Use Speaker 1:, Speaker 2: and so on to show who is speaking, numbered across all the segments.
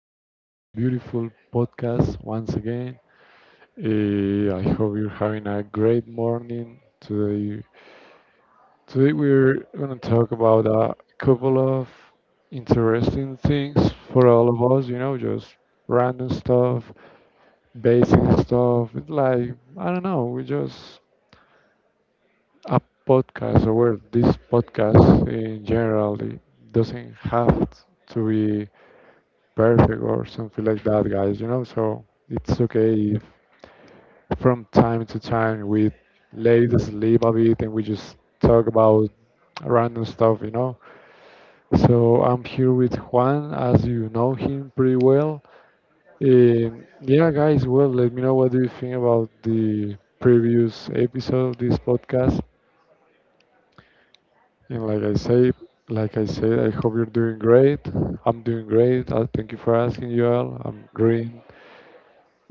Speaker 1: to our beautiful podcast once again. I hope you're having a great morning today. Today, we're going to talk about a couple of interesting things for all of us, you know, just random stuff, basic stuff. It's like, I don't know, we just a podcast or well, this podcast in general it doesn't have to be perfect or something like that, guys. You know, so it's okay if from time to time we let it sleep a bit and we just talk about random stuff. You know, so I'm here with Juan, as you know him pretty well. Yeah, guys. Well, let me know what do you think about the previous episode of this podcast. And like I said, I hope you're doing great. I'm doing great. Thank you for asking, y'all. I'm green.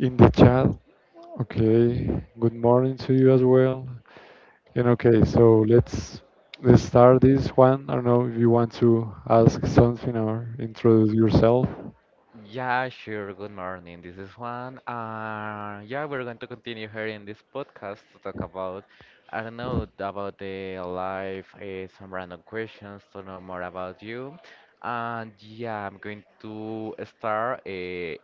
Speaker 1: In the chat. Okay, good morning to you as well. And okay, so let's start this one. I don't know if you want to ask something or introduce yourself.
Speaker 2: Yeah, sure. Good morning. This is Juan. Yeah, we're going to continue here in this podcast to talk about, I don't know, about the life, some random questions to know more about you. And yeah, I'm going to start.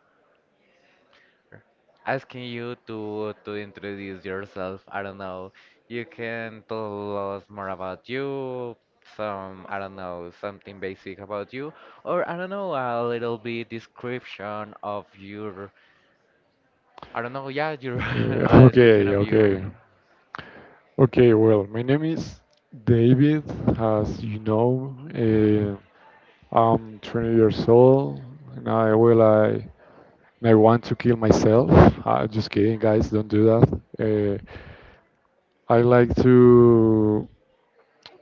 Speaker 2: Asking you to introduce yourself. I don't know. You can tell us more about you, some I don't know, something basic about you, or I don't know, a little bit description of your
Speaker 1: Uh,
Speaker 2: I don't know, yeah, your a description
Speaker 1: okay,
Speaker 2: of you.
Speaker 1: okay. Okay, well, my name is David, as you know. I'm 20 years old, and I well, I and I want to kill myself. Just kidding, guys, don't do that. Uh, I like to.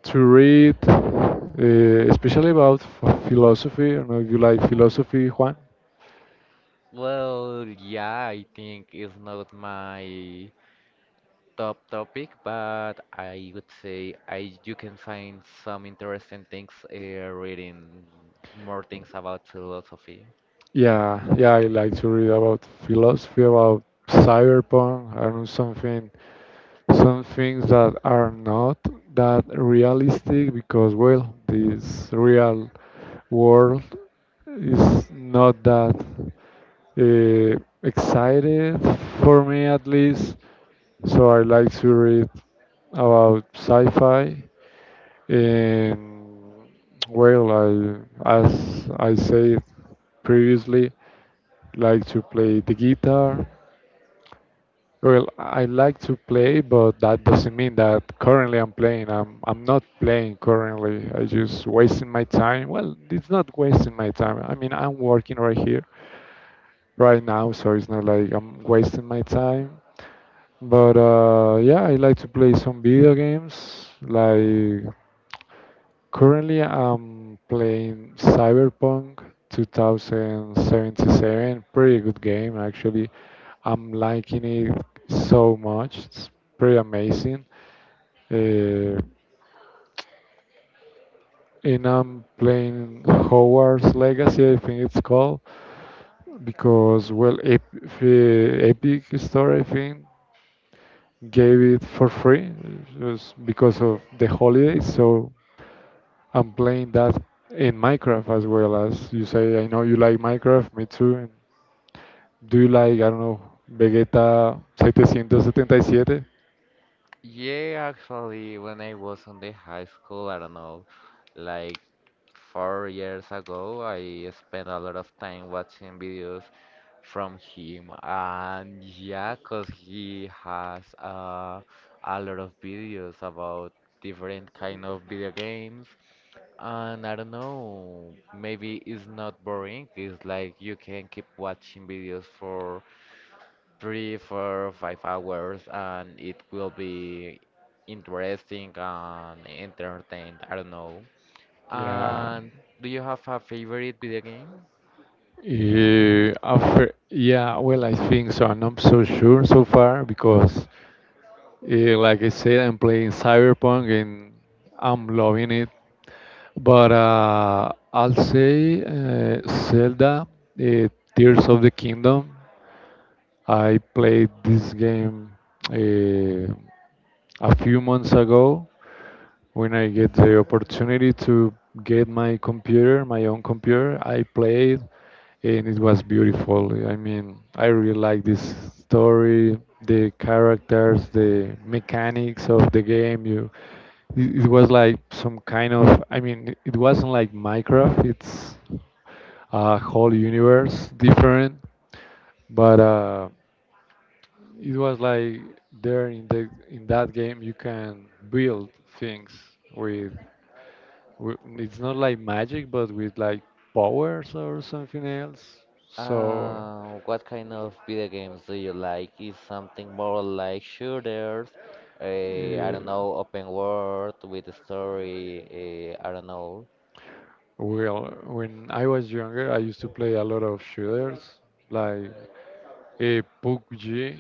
Speaker 1: To read, especially about philosophy. I don't know if you like philosophy, Juan.
Speaker 2: Well, yeah, I think it's not my top topic, but I would say I you can find some interesting things reading more things about philosophy.
Speaker 1: Yeah, yeah, I like to read about philosophy, about cyberpunk. I don't know something, some things that are not that realistic because, well, this real world is not that excited for me at least. So I like to read about sci-fi. Um, well, as I said previously, like to play the guitar. Well, I like to play, but that doesn't mean that currently I'm playing. I'm not playing currently. I just wasting my time. Well, it's not wasting my time. I mean, I'm working right here, right now, so it's not like I'm wasting my time. But yeah, I like to play some video games, like currently, I'm playing Cyberpunk 2077. Pretty good game, actually. I'm liking it so much. It's pretty amazing. Uh, and I'm playing Hogwarts Legacy, I think it's called, because, well, Epic Store, I think, gave it for free just because of the holidays. So I'm playing that in Minecraft as well as you say. I know you like Minecraft, me too. And do you like, I don't know, Vegeta 777?
Speaker 2: Yeah, actually, when I was in the high school, I don't know, like 4 years ago, I spent a lot of time watching videos from him, and yeah, 'cause he has a lot of videos about different kind of video games. And I don't know, maybe it's not boring. It's like you can keep watching videos for three, four, 5 hours, and it will be interesting and entertained. I don't know.
Speaker 1: Yeah.
Speaker 2: And do you have a favorite video game?
Speaker 1: After, yeah, well, I think so. I'm not so sure so far because, like I said, I'm playing Cyberpunk and I'm loving it. But I'll say Zelda, uh, Tears of the Kingdom. I played this game uh, a few months ago when I get the opportunity to get my computer, my own computer. I played and it was beautiful. I mean, I really like this story, the characters, the mechanics of the game. It was like some kind of, I mean, it wasn't like Minecraft, it's a whole universe different, but it was like there in the in that game you can build things with, with it's not like magic, but with like powers or something else. So,
Speaker 2: What kind of video games do you like? Is something more like shooters? I don't
Speaker 1: uh,
Speaker 2: know, open world with a story. I don't know.
Speaker 1: well, when I was younger, I used to play a lot of shooters, like PUBG,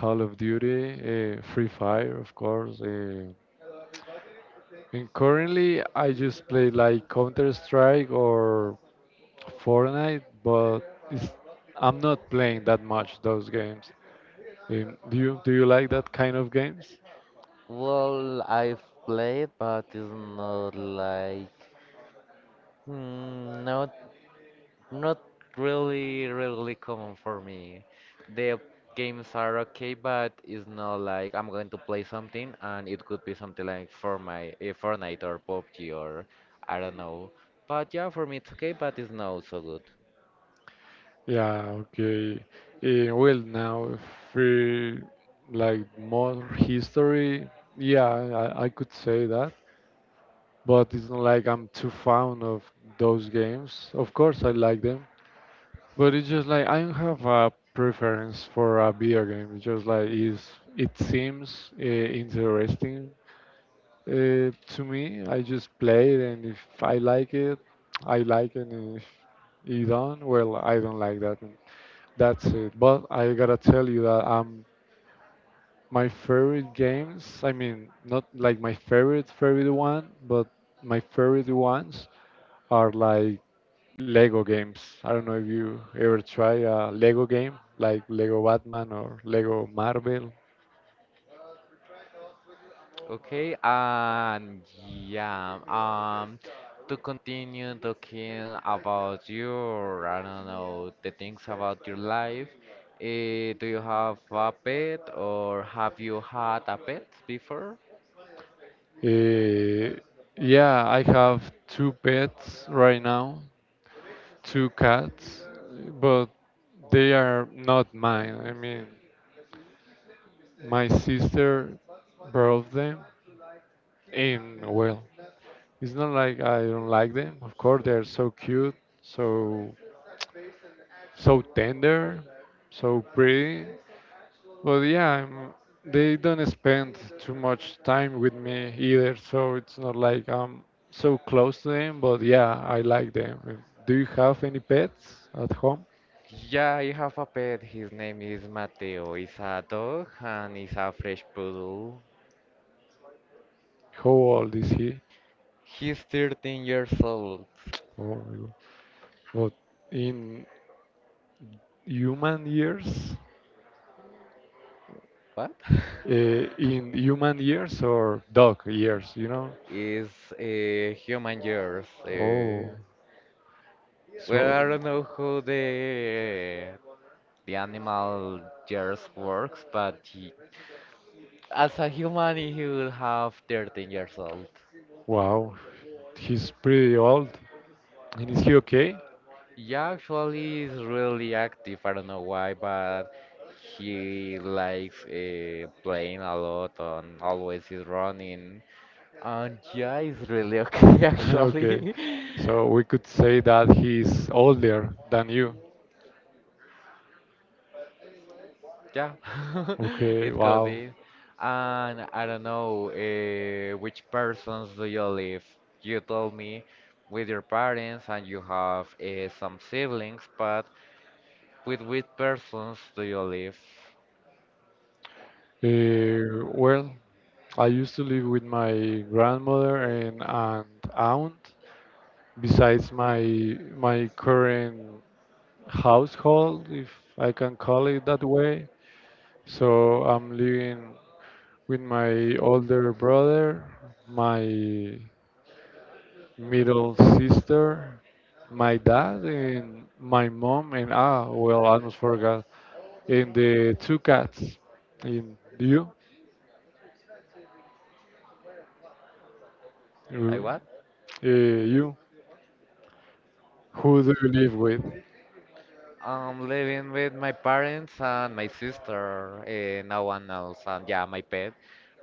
Speaker 1: Call of Duty, Free Fire, of course. And currently, I just play like Counter Strike or Fortnite, but it's, I'm not playing that much those games. Do you like that kind of games?
Speaker 2: Well, I've played, but it's not like mm, not not really really common for me. The games are okay, but it's not like I'm going to play something and it could be something like for my Fortnite or PUBG or I don't know. But yeah, for me it's okay, but it's not so good.
Speaker 1: Yeah, okay. Well, now for like more history, yeah, I could say that, but it's not like I'm too fond of those games. Of course, I like them, but it's just like I don't have a preference for a video game. It's just like is it seems interesting to me. I just play it, and if I like it, I like it. And if it don't, well, I don't like that. And that's it. But I gotta tell you that my favorite games. I mean, not like my favorite one, but my favorite ones are like Lego games. I don't know if you ever try a Lego game like Lego Batman or Lego Marvel.
Speaker 2: Okay, and yeah, to continue talking about your, I don't know, the things about your life, do you have a pet or have you had a pet before?
Speaker 1: Eh, yeah, I have two pets right now, two cats, but they are not mine. I mean, my sister brought them, and well, it's not like I don't like them. Of course, they're so cute, so so tender, so pretty. But yeah, I'm, they don't spend too much time with me either, so it's not like I'm so close to them. But yeah, I like them. Do you have any pets at home?
Speaker 2: Yeah, I have a pet. His name is Mateo. He's a dog and he's a fresh poodle.
Speaker 1: How old is he?
Speaker 2: He's 13 years old.
Speaker 1: Oh my God. But in human years,
Speaker 2: What?
Speaker 1: uh, in human years or dog years, you know?
Speaker 2: Is human years.
Speaker 1: Oh. So,
Speaker 2: Well, I don't know how the animal years works, but he, as a human, he would have 13 years old.
Speaker 1: wow, he's pretty old. And is he okay?
Speaker 2: Yeah, actually, he's really active. I don't know why, but he likes playing a lot and always is running. And yeah, he's really okay,
Speaker 1: Okay,
Speaker 2: actually.
Speaker 1: so we could say that he's older than you.
Speaker 2: Yeah,
Speaker 1: Okay,
Speaker 2: it could
Speaker 1: wow.
Speaker 2: be. And I don't know, which persons do you live? You told me with your parents and you have some siblings, but with which persons do you live?
Speaker 1: Well, I used to live with my grandmother and aunt, besides my current household, if I can call it that way. So I'm living with my older brother, my middle sister, my dad, and my mom, and ah, well, I almost forgot, and the two cats. And
Speaker 2: Like
Speaker 1: you,
Speaker 2: what?
Speaker 1: you, who do you live with?
Speaker 2: I'm living with my parents and my sister, no one else, and yeah, my pet.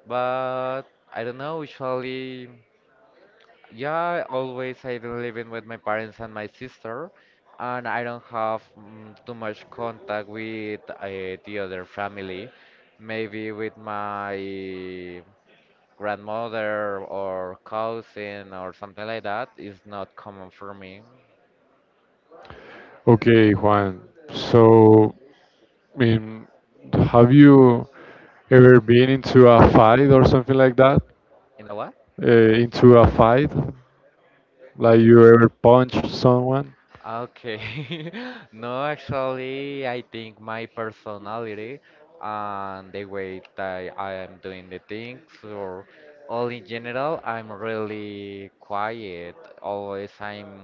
Speaker 2: But I don't know, usually. Yeah, always I've been living with my parents and my sister, and I don't have too much contact with the other family. Maybe with my grandmother or cousin or something like that is not common for me.
Speaker 1: Okay, Juan. So, I mean, have you ever been into a fight or something like that?
Speaker 2: You know what?
Speaker 1: Uh, into a fight? Like you ever punch someone?
Speaker 2: Okay. No, actually, I think my personality and the way that I am doing the things, or all in general, I'm really quiet. Always, I'm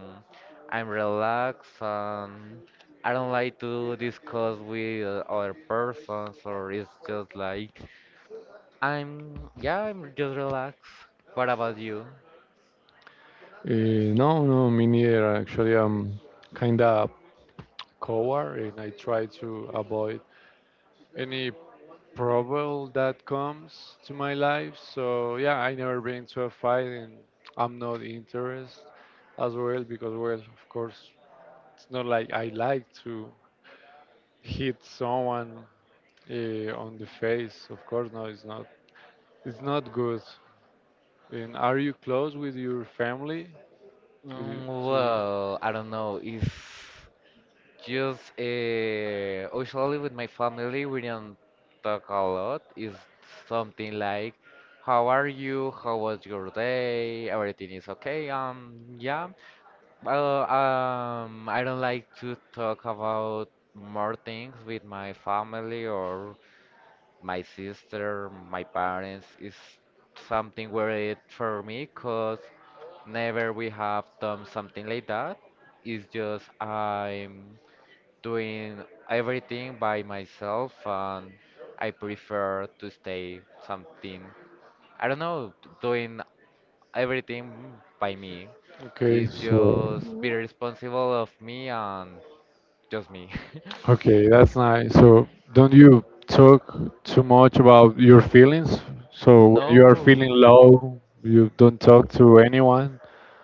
Speaker 2: I'm relaxed, and I don't like to discuss with other persons, or it's just like I'm, yeah, I'm just relaxed. What about you?
Speaker 1: Uh, no, no, me neither. Actually, I'm kind of coward and I try to avoid any problem that comes to my life. So, yeah, I never been to a fight and I'm not interested as well because, well, of course, it's not like I like to hit someone uh, on the face. Of course, no, it's not. It's not good. And are you close with your family? With you-
Speaker 2: Mm,
Speaker 1: to-
Speaker 2: well, I don't know. If just usually with my family, we don't talk a lot. It's something like, "How are you? How was your day? Everything is okay?" Yeah. I don't like to talk about more things with my family or my sister, my parents. It's something weird for me, cause never we have done something like that. It's just I'm doing everything by myself and I prefer to stay something I don't know doing everything by me,
Speaker 1: Okay,
Speaker 2: it's
Speaker 1: so
Speaker 2: just be responsible of me and just me.
Speaker 1: okay, that's nice. So don't you talk too much about your feelings? So when you are feeling
Speaker 2: No,
Speaker 1: low, you don't talk to anyone.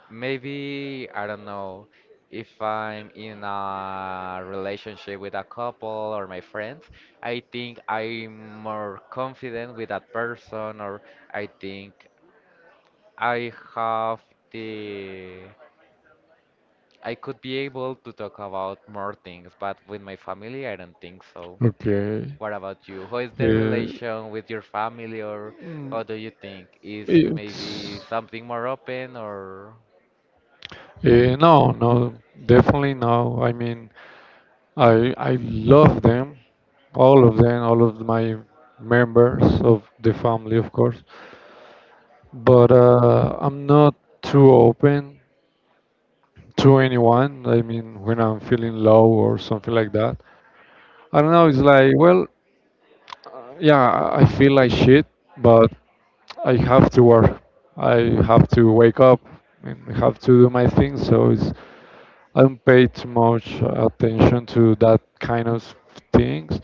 Speaker 2: maybe I don't know, if I'm in a relationship with a couple or my friends I think I'm more confident with that person, or I think I have the I could be able to talk about more things, but with my family, I don't think so.
Speaker 1: Okay.
Speaker 2: What about you? How is the
Speaker 1: Uh,
Speaker 2: relation with your family, or
Speaker 1: mm,
Speaker 2: how do you think? Is maybe
Speaker 1: it's
Speaker 2: something more open, or
Speaker 1: No, no, definitely no. I mean, I love them, all of them, all of my members of the family, of course. But I'm not too open to anyone. I mean, when I'm feeling low or something like that, I don't know. It's like, well, yeah, I feel like shit, but I have to work. I have to wake up and I have to do my thing. So it's I don't pay too much attention to that kind of things,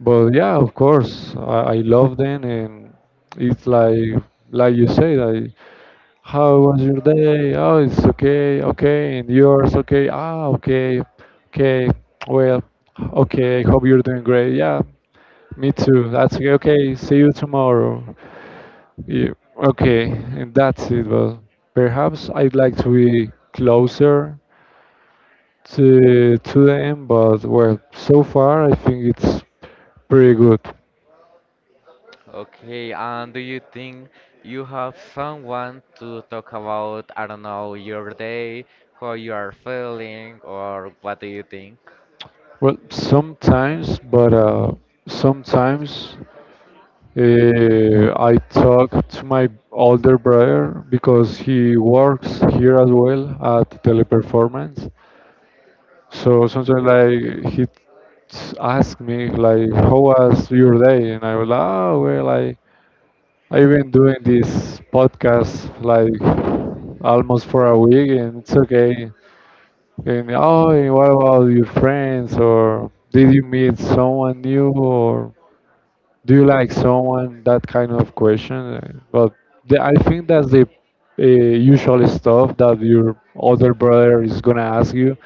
Speaker 1: but yeah, of course, I love them, and it's like you say, like how was your day? Oh, it's okay, okay, and yours okay? Ah, okay, okay, well, okay. Hope you're doing great. Yeah, me too. That's okay. Okay, see you tomorrow. Yeah, okay, and that's it. But perhaps I'd like to be closer to the, but well, so far I think it's pretty good.
Speaker 2: okay? And do you think you have someone to talk about, I don't know, your day, how you are feeling, or what do you think?
Speaker 1: Well, sometimes, but sometimes I talk to my older brother because he works here as well at Teleperformance. So sometimes like he ask me like, "How was your day?" And I was like, "Oh, well, I've been doing this podcast like almost for a week, and it's okay." And oh, and what about your friends? Or did you meet someone new? Or do you like someone? That kind of question. But the, I think that's the usual stuff that your older brother is gonna ask you,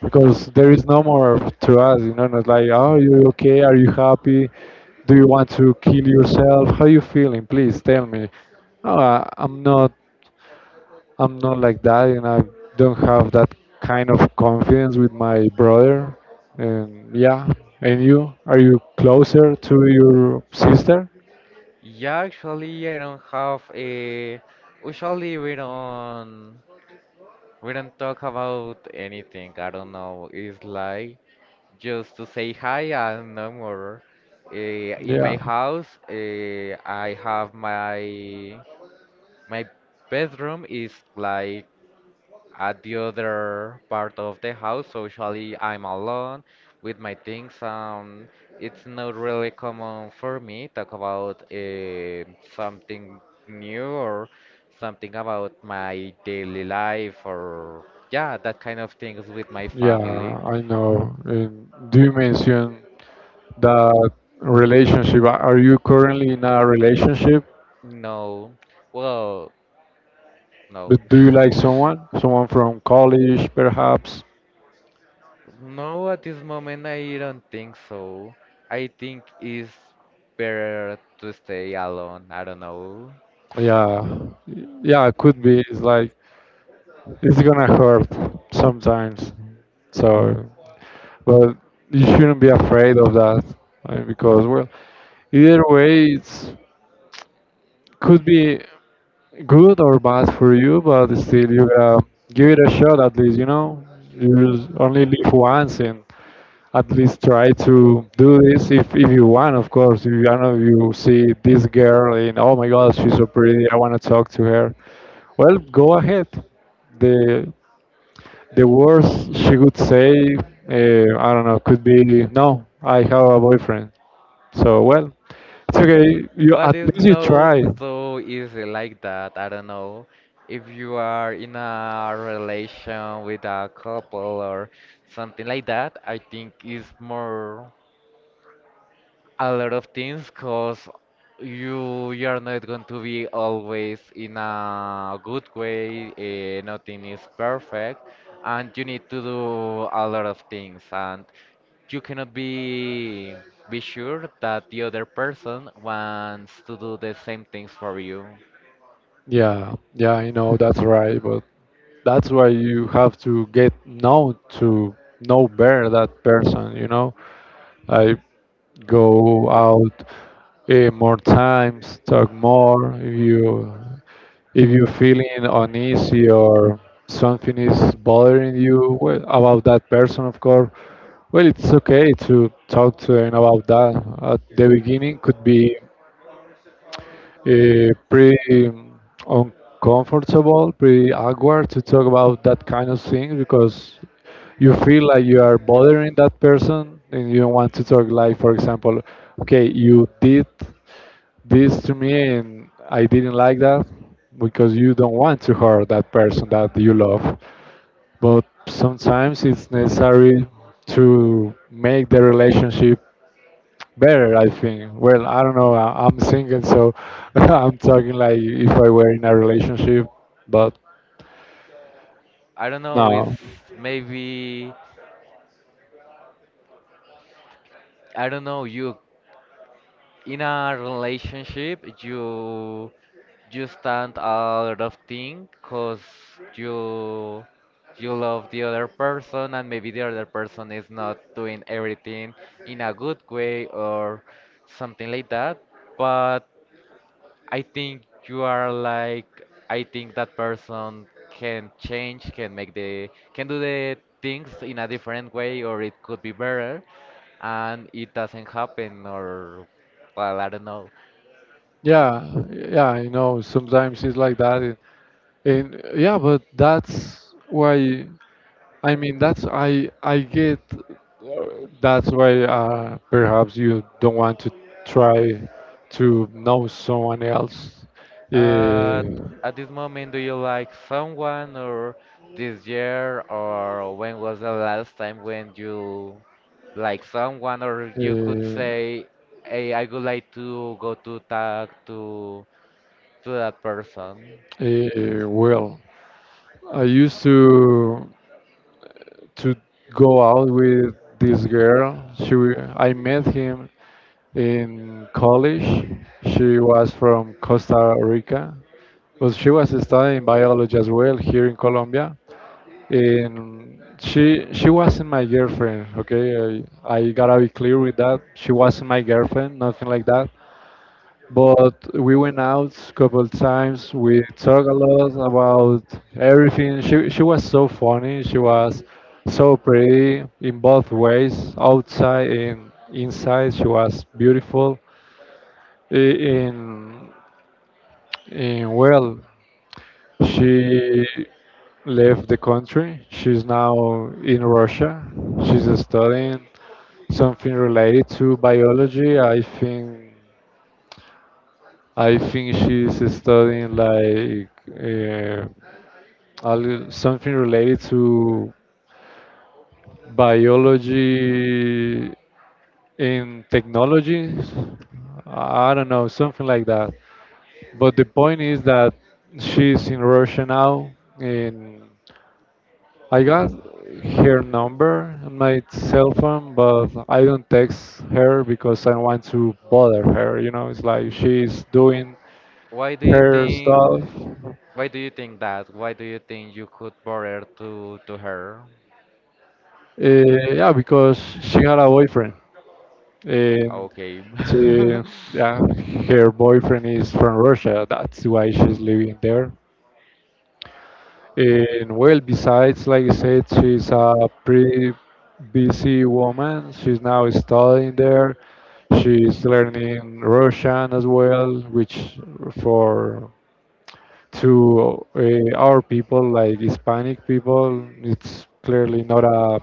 Speaker 1: because there is no more to ask. You know, not like, oh, you okay? Are you happy? Do you want to kill yourself? How you feeling? Please tell me. I'm not. I'm not like that, and I don't have that kind of confidence with my brother. And yeah, and you, are you closer to your sister?
Speaker 2: Yeah, actually, I don't have a. Usually we don't talk about anything. I don't know. It's like just to say hi and no more. Uh, in
Speaker 1: Yeah,
Speaker 2: my house, I have my my bedroom is like at the other part of the house. So usually I'm alone with my things. It's not really common for me talk about something new or something about my daily life or yeah, that kind of things with my
Speaker 1: yeah,
Speaker 2: family.
Speaker 1: I know. And do you mention that relationship? Are you currently in a relationship?
Speaker 2: No, well, no.
Speaker 1: But do you like someone? Someone from college, perhaps?
Speaker 2: No, at this moment I don't think so. I think it's better to stay alone. I don't know.
Speaker 1: Yeah, yeah, it could be. It's like it's gonna hurt sometimes. So but you shouldn't be afraid of that because well either way it's could be good or bad for you but still you gotta give it a shot at least you know you only live once and at least try to do this if you want of course if you I know you see this girl and oh my god she's so pretty I want to talk to her well go ahead the the worst she could say, I don't know, could be no, I have a boyfriend. So well, it's okay. You
Speaker 2: But
Speaker 1: at
Speaker 2: it's
Speaker 1: least you
Speaker 2: not
Speaker 1: try.
Speaker 2: so easy like that. I don't know. If you are in a relation with a couple or something like that, I think it's more a lot of things because you're not going to be always in a good way, nothing is perfect and you need to do a lot of things and you cannot be be sure that the other person wants to do the same things for you.
Speaker 1: Yeah, yeah, I know that's right, but that's why you have to get known to know better that person. You know, like go out more times, talk more. If you're feeling uneasy or something is bothering you, well, about that person, of course, well, it's okay to talk to them about that. At the beginning, could be pretty um, uncomfortable, pretty awkward to talk about that kind of thing because you feel like you are bothering that person, and you don't want to talk, like, for example, okay, you did this to me and I didn't like that, because you don't want to hurt that person that you love. But sometimes it's necessary to make the relationship better, I think. Well, I don't know, I'm single, so I'm talking like if I were in a relationship, but
Speaker 2: I don't know, it's
Speaker 1: no.
Speaker 2: maybe I don't know, you in a relationship you you stand a lot of things because you you love the other person and maybe the other person is not doing everything in a good way or something like that, but I think you are like I think that person can change, can make the can do the things in a different way or it could be better, and it doesn't happen or well, I don't know.
Speaker 1: Yeah, yeah, you know, sometimes it's like that. And yeah, but that's why. I mean, that's I get, that's why, perhaps you don't want to try to know someone else. uh,
Speaker 2: Uh, at this moment do you like someone, or this year, or when was the last time when you like someone or you could
Speaker 1: uh,
Speaker 2: say hey, I would like to go to talk to that person.
Speaker 1: well, I used to to go out with this girl. I met him in college. She was from Costa Rica, but she was studying biology as well here in Colombia. And she wasn't my girlfriend. Okay, I gotta be clear with that. She wasn't my girlfriend, nothing like that, but we went out a couple times. We talked a lot about everything. She was so funny. She was so pretty in both ways, outside and inside. She was beautiful. I- in well She left the country. She's now in Russia. She's studying something related to biology. I think she's studying, like, uh, something related to biology in technologies. I don't know, something like that. But the point is that she's in Russia now, and I got her number on my cell phone, but I don't text her because I don't want to bother her. You know, it's like she's doing
Speaker 2: Why do you
Speaker 1: her
Speaker 2: think
Speaker 1: stuff.
Speaker 2: that? Why do you think you could borrow to her?
Speaker 1: Yeah, because she had a boyfriend, and
Speaker 2: Okay.
Speaker 1: she, yeah, her boyfriend is from Russia. That's why she's living there. And well, besides, like I said, she's a pretty busy woman. She's now studying there. She's learning Russian as well, which for to, our people, like Hispanic people, it's clearly not a,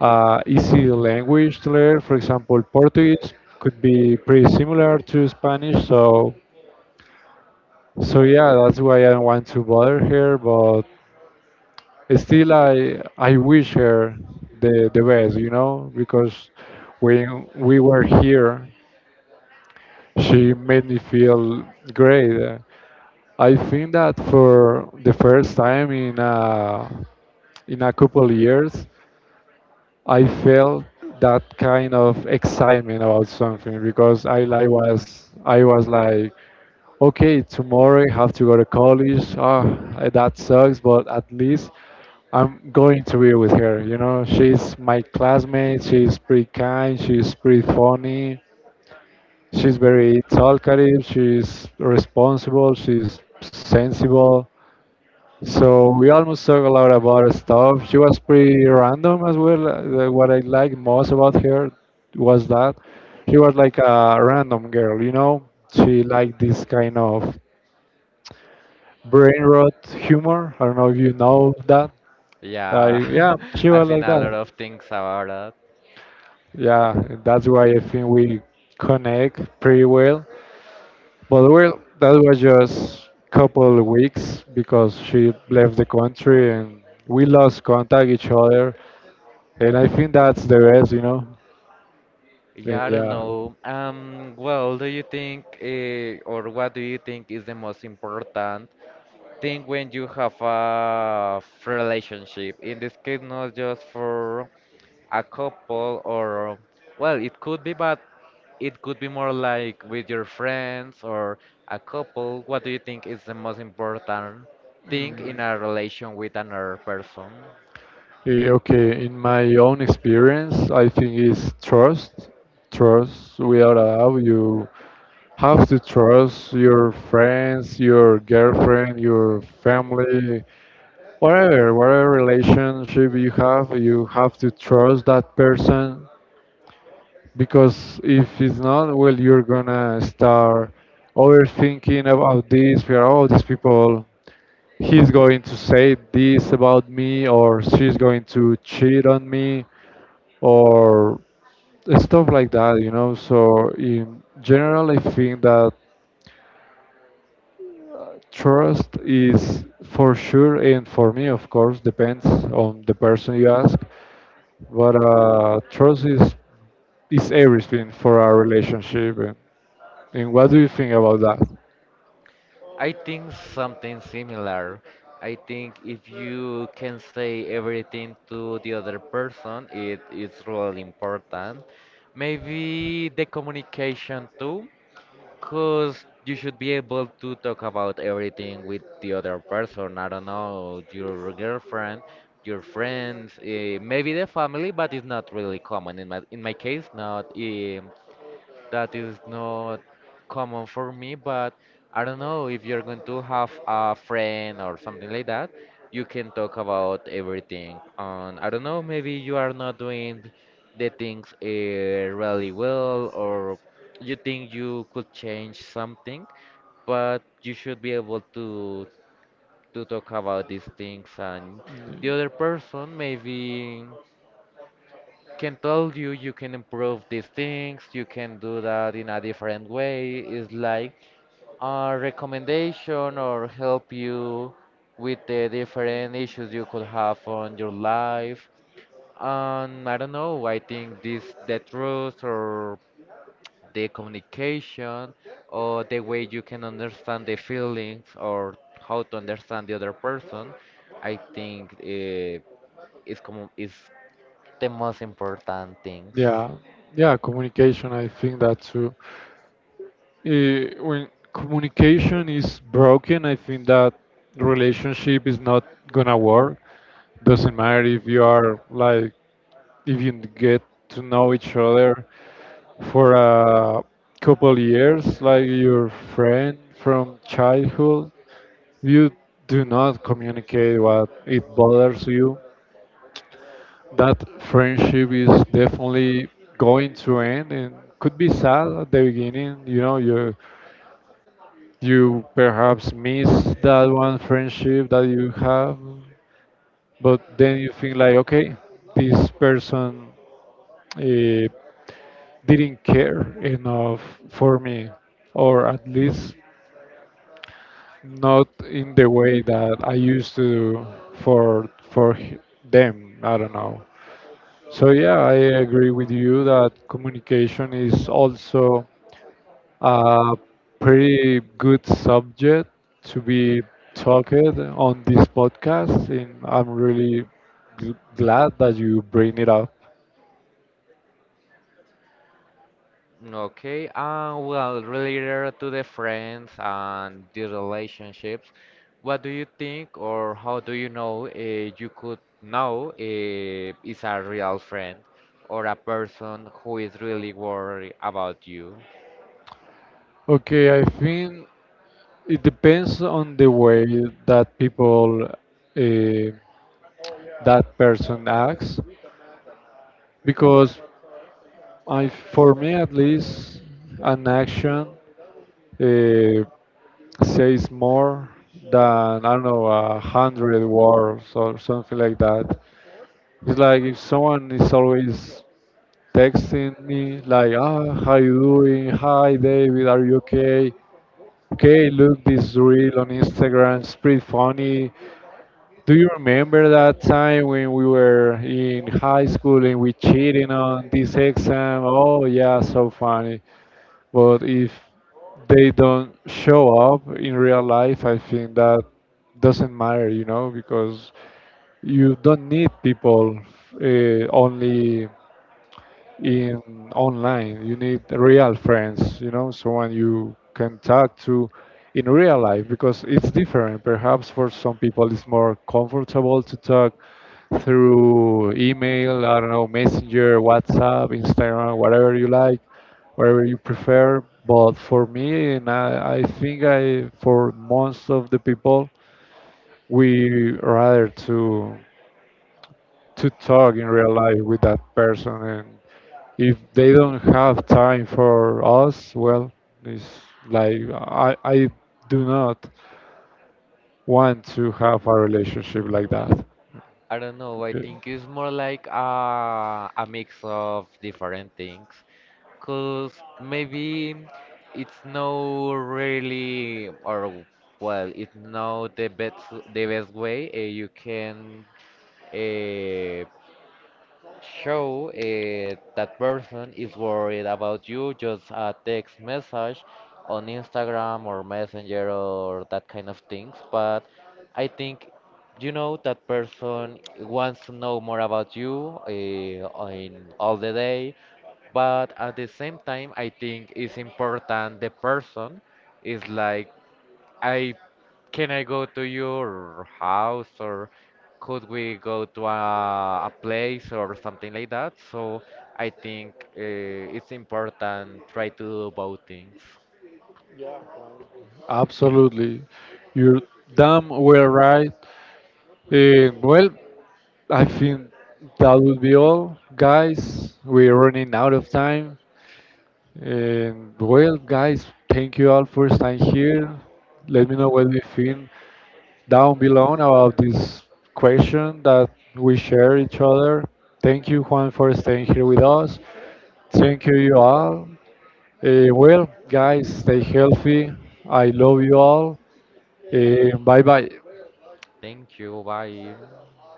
Speaker 1: a easy language to learn. For example, Portuguese could be pretty similar to Spanish, so yeah, that's why I don't want to bother her. But still, I wish her the best, you know, because when we were here, she made me feel great. I think that for the first time in a couple years, I felt that kind of excitement about something, because I was like, okay, tomorrow I have to go to college. Ah, that sucks, but at least I'm going to be with her. You know, she's my classmate. She's pretty kind. She's pretty funny. She's very talkative. She's responsible. She's sensible. So we almost talk a lot about stuff. She was pretty random as well. What I liked most about her was that she was like a random girl. You know, she liked this kind of brain rot humor. I don't know if you know that. I Yeah,
Speaker 2: Yeah.
Speaker 1: she was
Speaker 2: I've seen
Speaker 1: like
Speaker 2: a
Speaker 1: that.
Speaker 2: lot of things about that.
Speaker 1: Yeah, that's why I think we connect pretty well. But well, that was just couple of weeks because she left the country and we lost contact each other. And I think that's the best, you know. And
Speaker 2: Yeah, I don't
Speaker 1: yeah.
Speaker 2: know. Well, do you think or what do you think is the most important thing when you have a relationship? In this case, not just for a couple or well it could be, but it could be more like with your friends or a couple, what do you think is the most important thing
Speaker 1: Mm,
Speaker 2: in a relation with another person?
Speaker 1: okay, in my own experience, I think it's trust. Trust without a doubt. You have to trust your friends, your girlfriend, your family, whatever relationship you have, you have to trust that person, because if it's not, well, you're gonna start overthinking about this. We are all these people. He's going to say this about me, or she's going to cheat on me, or stuff like that, you know. So in general, I think that trust is for sure, and for me, of course, depends on the person you ask. But trust is everything for our relationship. And what do you think about that?
Speaker 2: I think something similar. I think if you can say everything to the other person it is really important. Maybe the communication too. Because you should be able to talk about everything with the other person. I don't know, your girlfriend, your friends, maybe the family, but it's not really common. In my case, not. That is not common for me, but I don't know, if you're going to have a friend or something like that, you can talk about everything. And I don't know, maybe you are not doing the things really well, or you think you could change something, but you should be able to talk about these things and the other person maybe can tell you you can improve these things, you can do that in a different way. It's like a recommendation or help you with the different issues you could have on your life. And I don't know, I think this the truth or the communication or the way you can understand the feelings or how to understand the other person, I think is, como is the most important things.
Speaker 1: Yeah, yeah, communication. I think that too. When communication is broken, I think that relationship is not gonna work. Doesn't matter if you are like, if you get to know each other for a couple years, like your friend from childhood, you do not communicate what it bothers you. That friendship is definitely going to end, and could be sad at the beginning. You know, you perhaps miss that one friendship that you have, but then you think like, okay, this person, uh, didn't care enough for me, or at least not in the way that I used to for them. I don't know. So yeah, I agree with you that communication is also a pretty good subject to be talked on this podcast, and I'm really glad that you bring it up.
Speaker 2: Okay, well, related to the friends and the relationships, what do you think or how do you know you could know is a real friend or a person who is really worried about you?
Speaker 1: Okay, I think it depends on the way that that person acts, because I, for me at least, an action, uh, says more than, I don't know, 100 words or something like that. It's like if someone is always texting me, like, ah, how you doing? Hi, David, are you okay? Okay, look, this reel on Instagram, it's pretty funny. Do you remember that time when we were in high school and we cheating on this exam? Oh, yeah, so funny. But if they don't show up in real life, I think that doesn't matter, you know, because you don't need people, only in online. You need real friends, you know, someone you can talk to in real life, because it's different. Perhaps for some people it's more comfortable to talk through email, I don't know, Messenger, WhatsApp, Instagram, whatever you like, whatever you prefer. But for me, and I think I, for most of the people, we rather to talk in real life with that person, and if they don't have time for us, well, it's like I do not want to have a relationship like that.
Speaker 2: I don't know, I
Speaker 1: Okay.
Speaker 2: think it's more like a mix of different things. Cause maybe it's no really, or well, it's not the best way you can uh, show that person is worried about you. Just a text message on Instagram or Messenger or that kind of things. But I think you know that person wants to know more about you in all the day, but at the same time I think it's important the person is like I can I go to your house, or could we go to a place or something like that, so I think it's important try to do both things.
Speaker 1: Absolutely, you're damn well right. Eh, well, I think that would be all, guys. We're running out of time. And well, guys, thank you all for staying here. Let me know what you think down below about this question that we share each other. Thank you, Juan, for staying here with us. Thank you, you all. Well, guys, stay healthy. I love you all. Bye bye.
Speaker 2: Thank you, bye.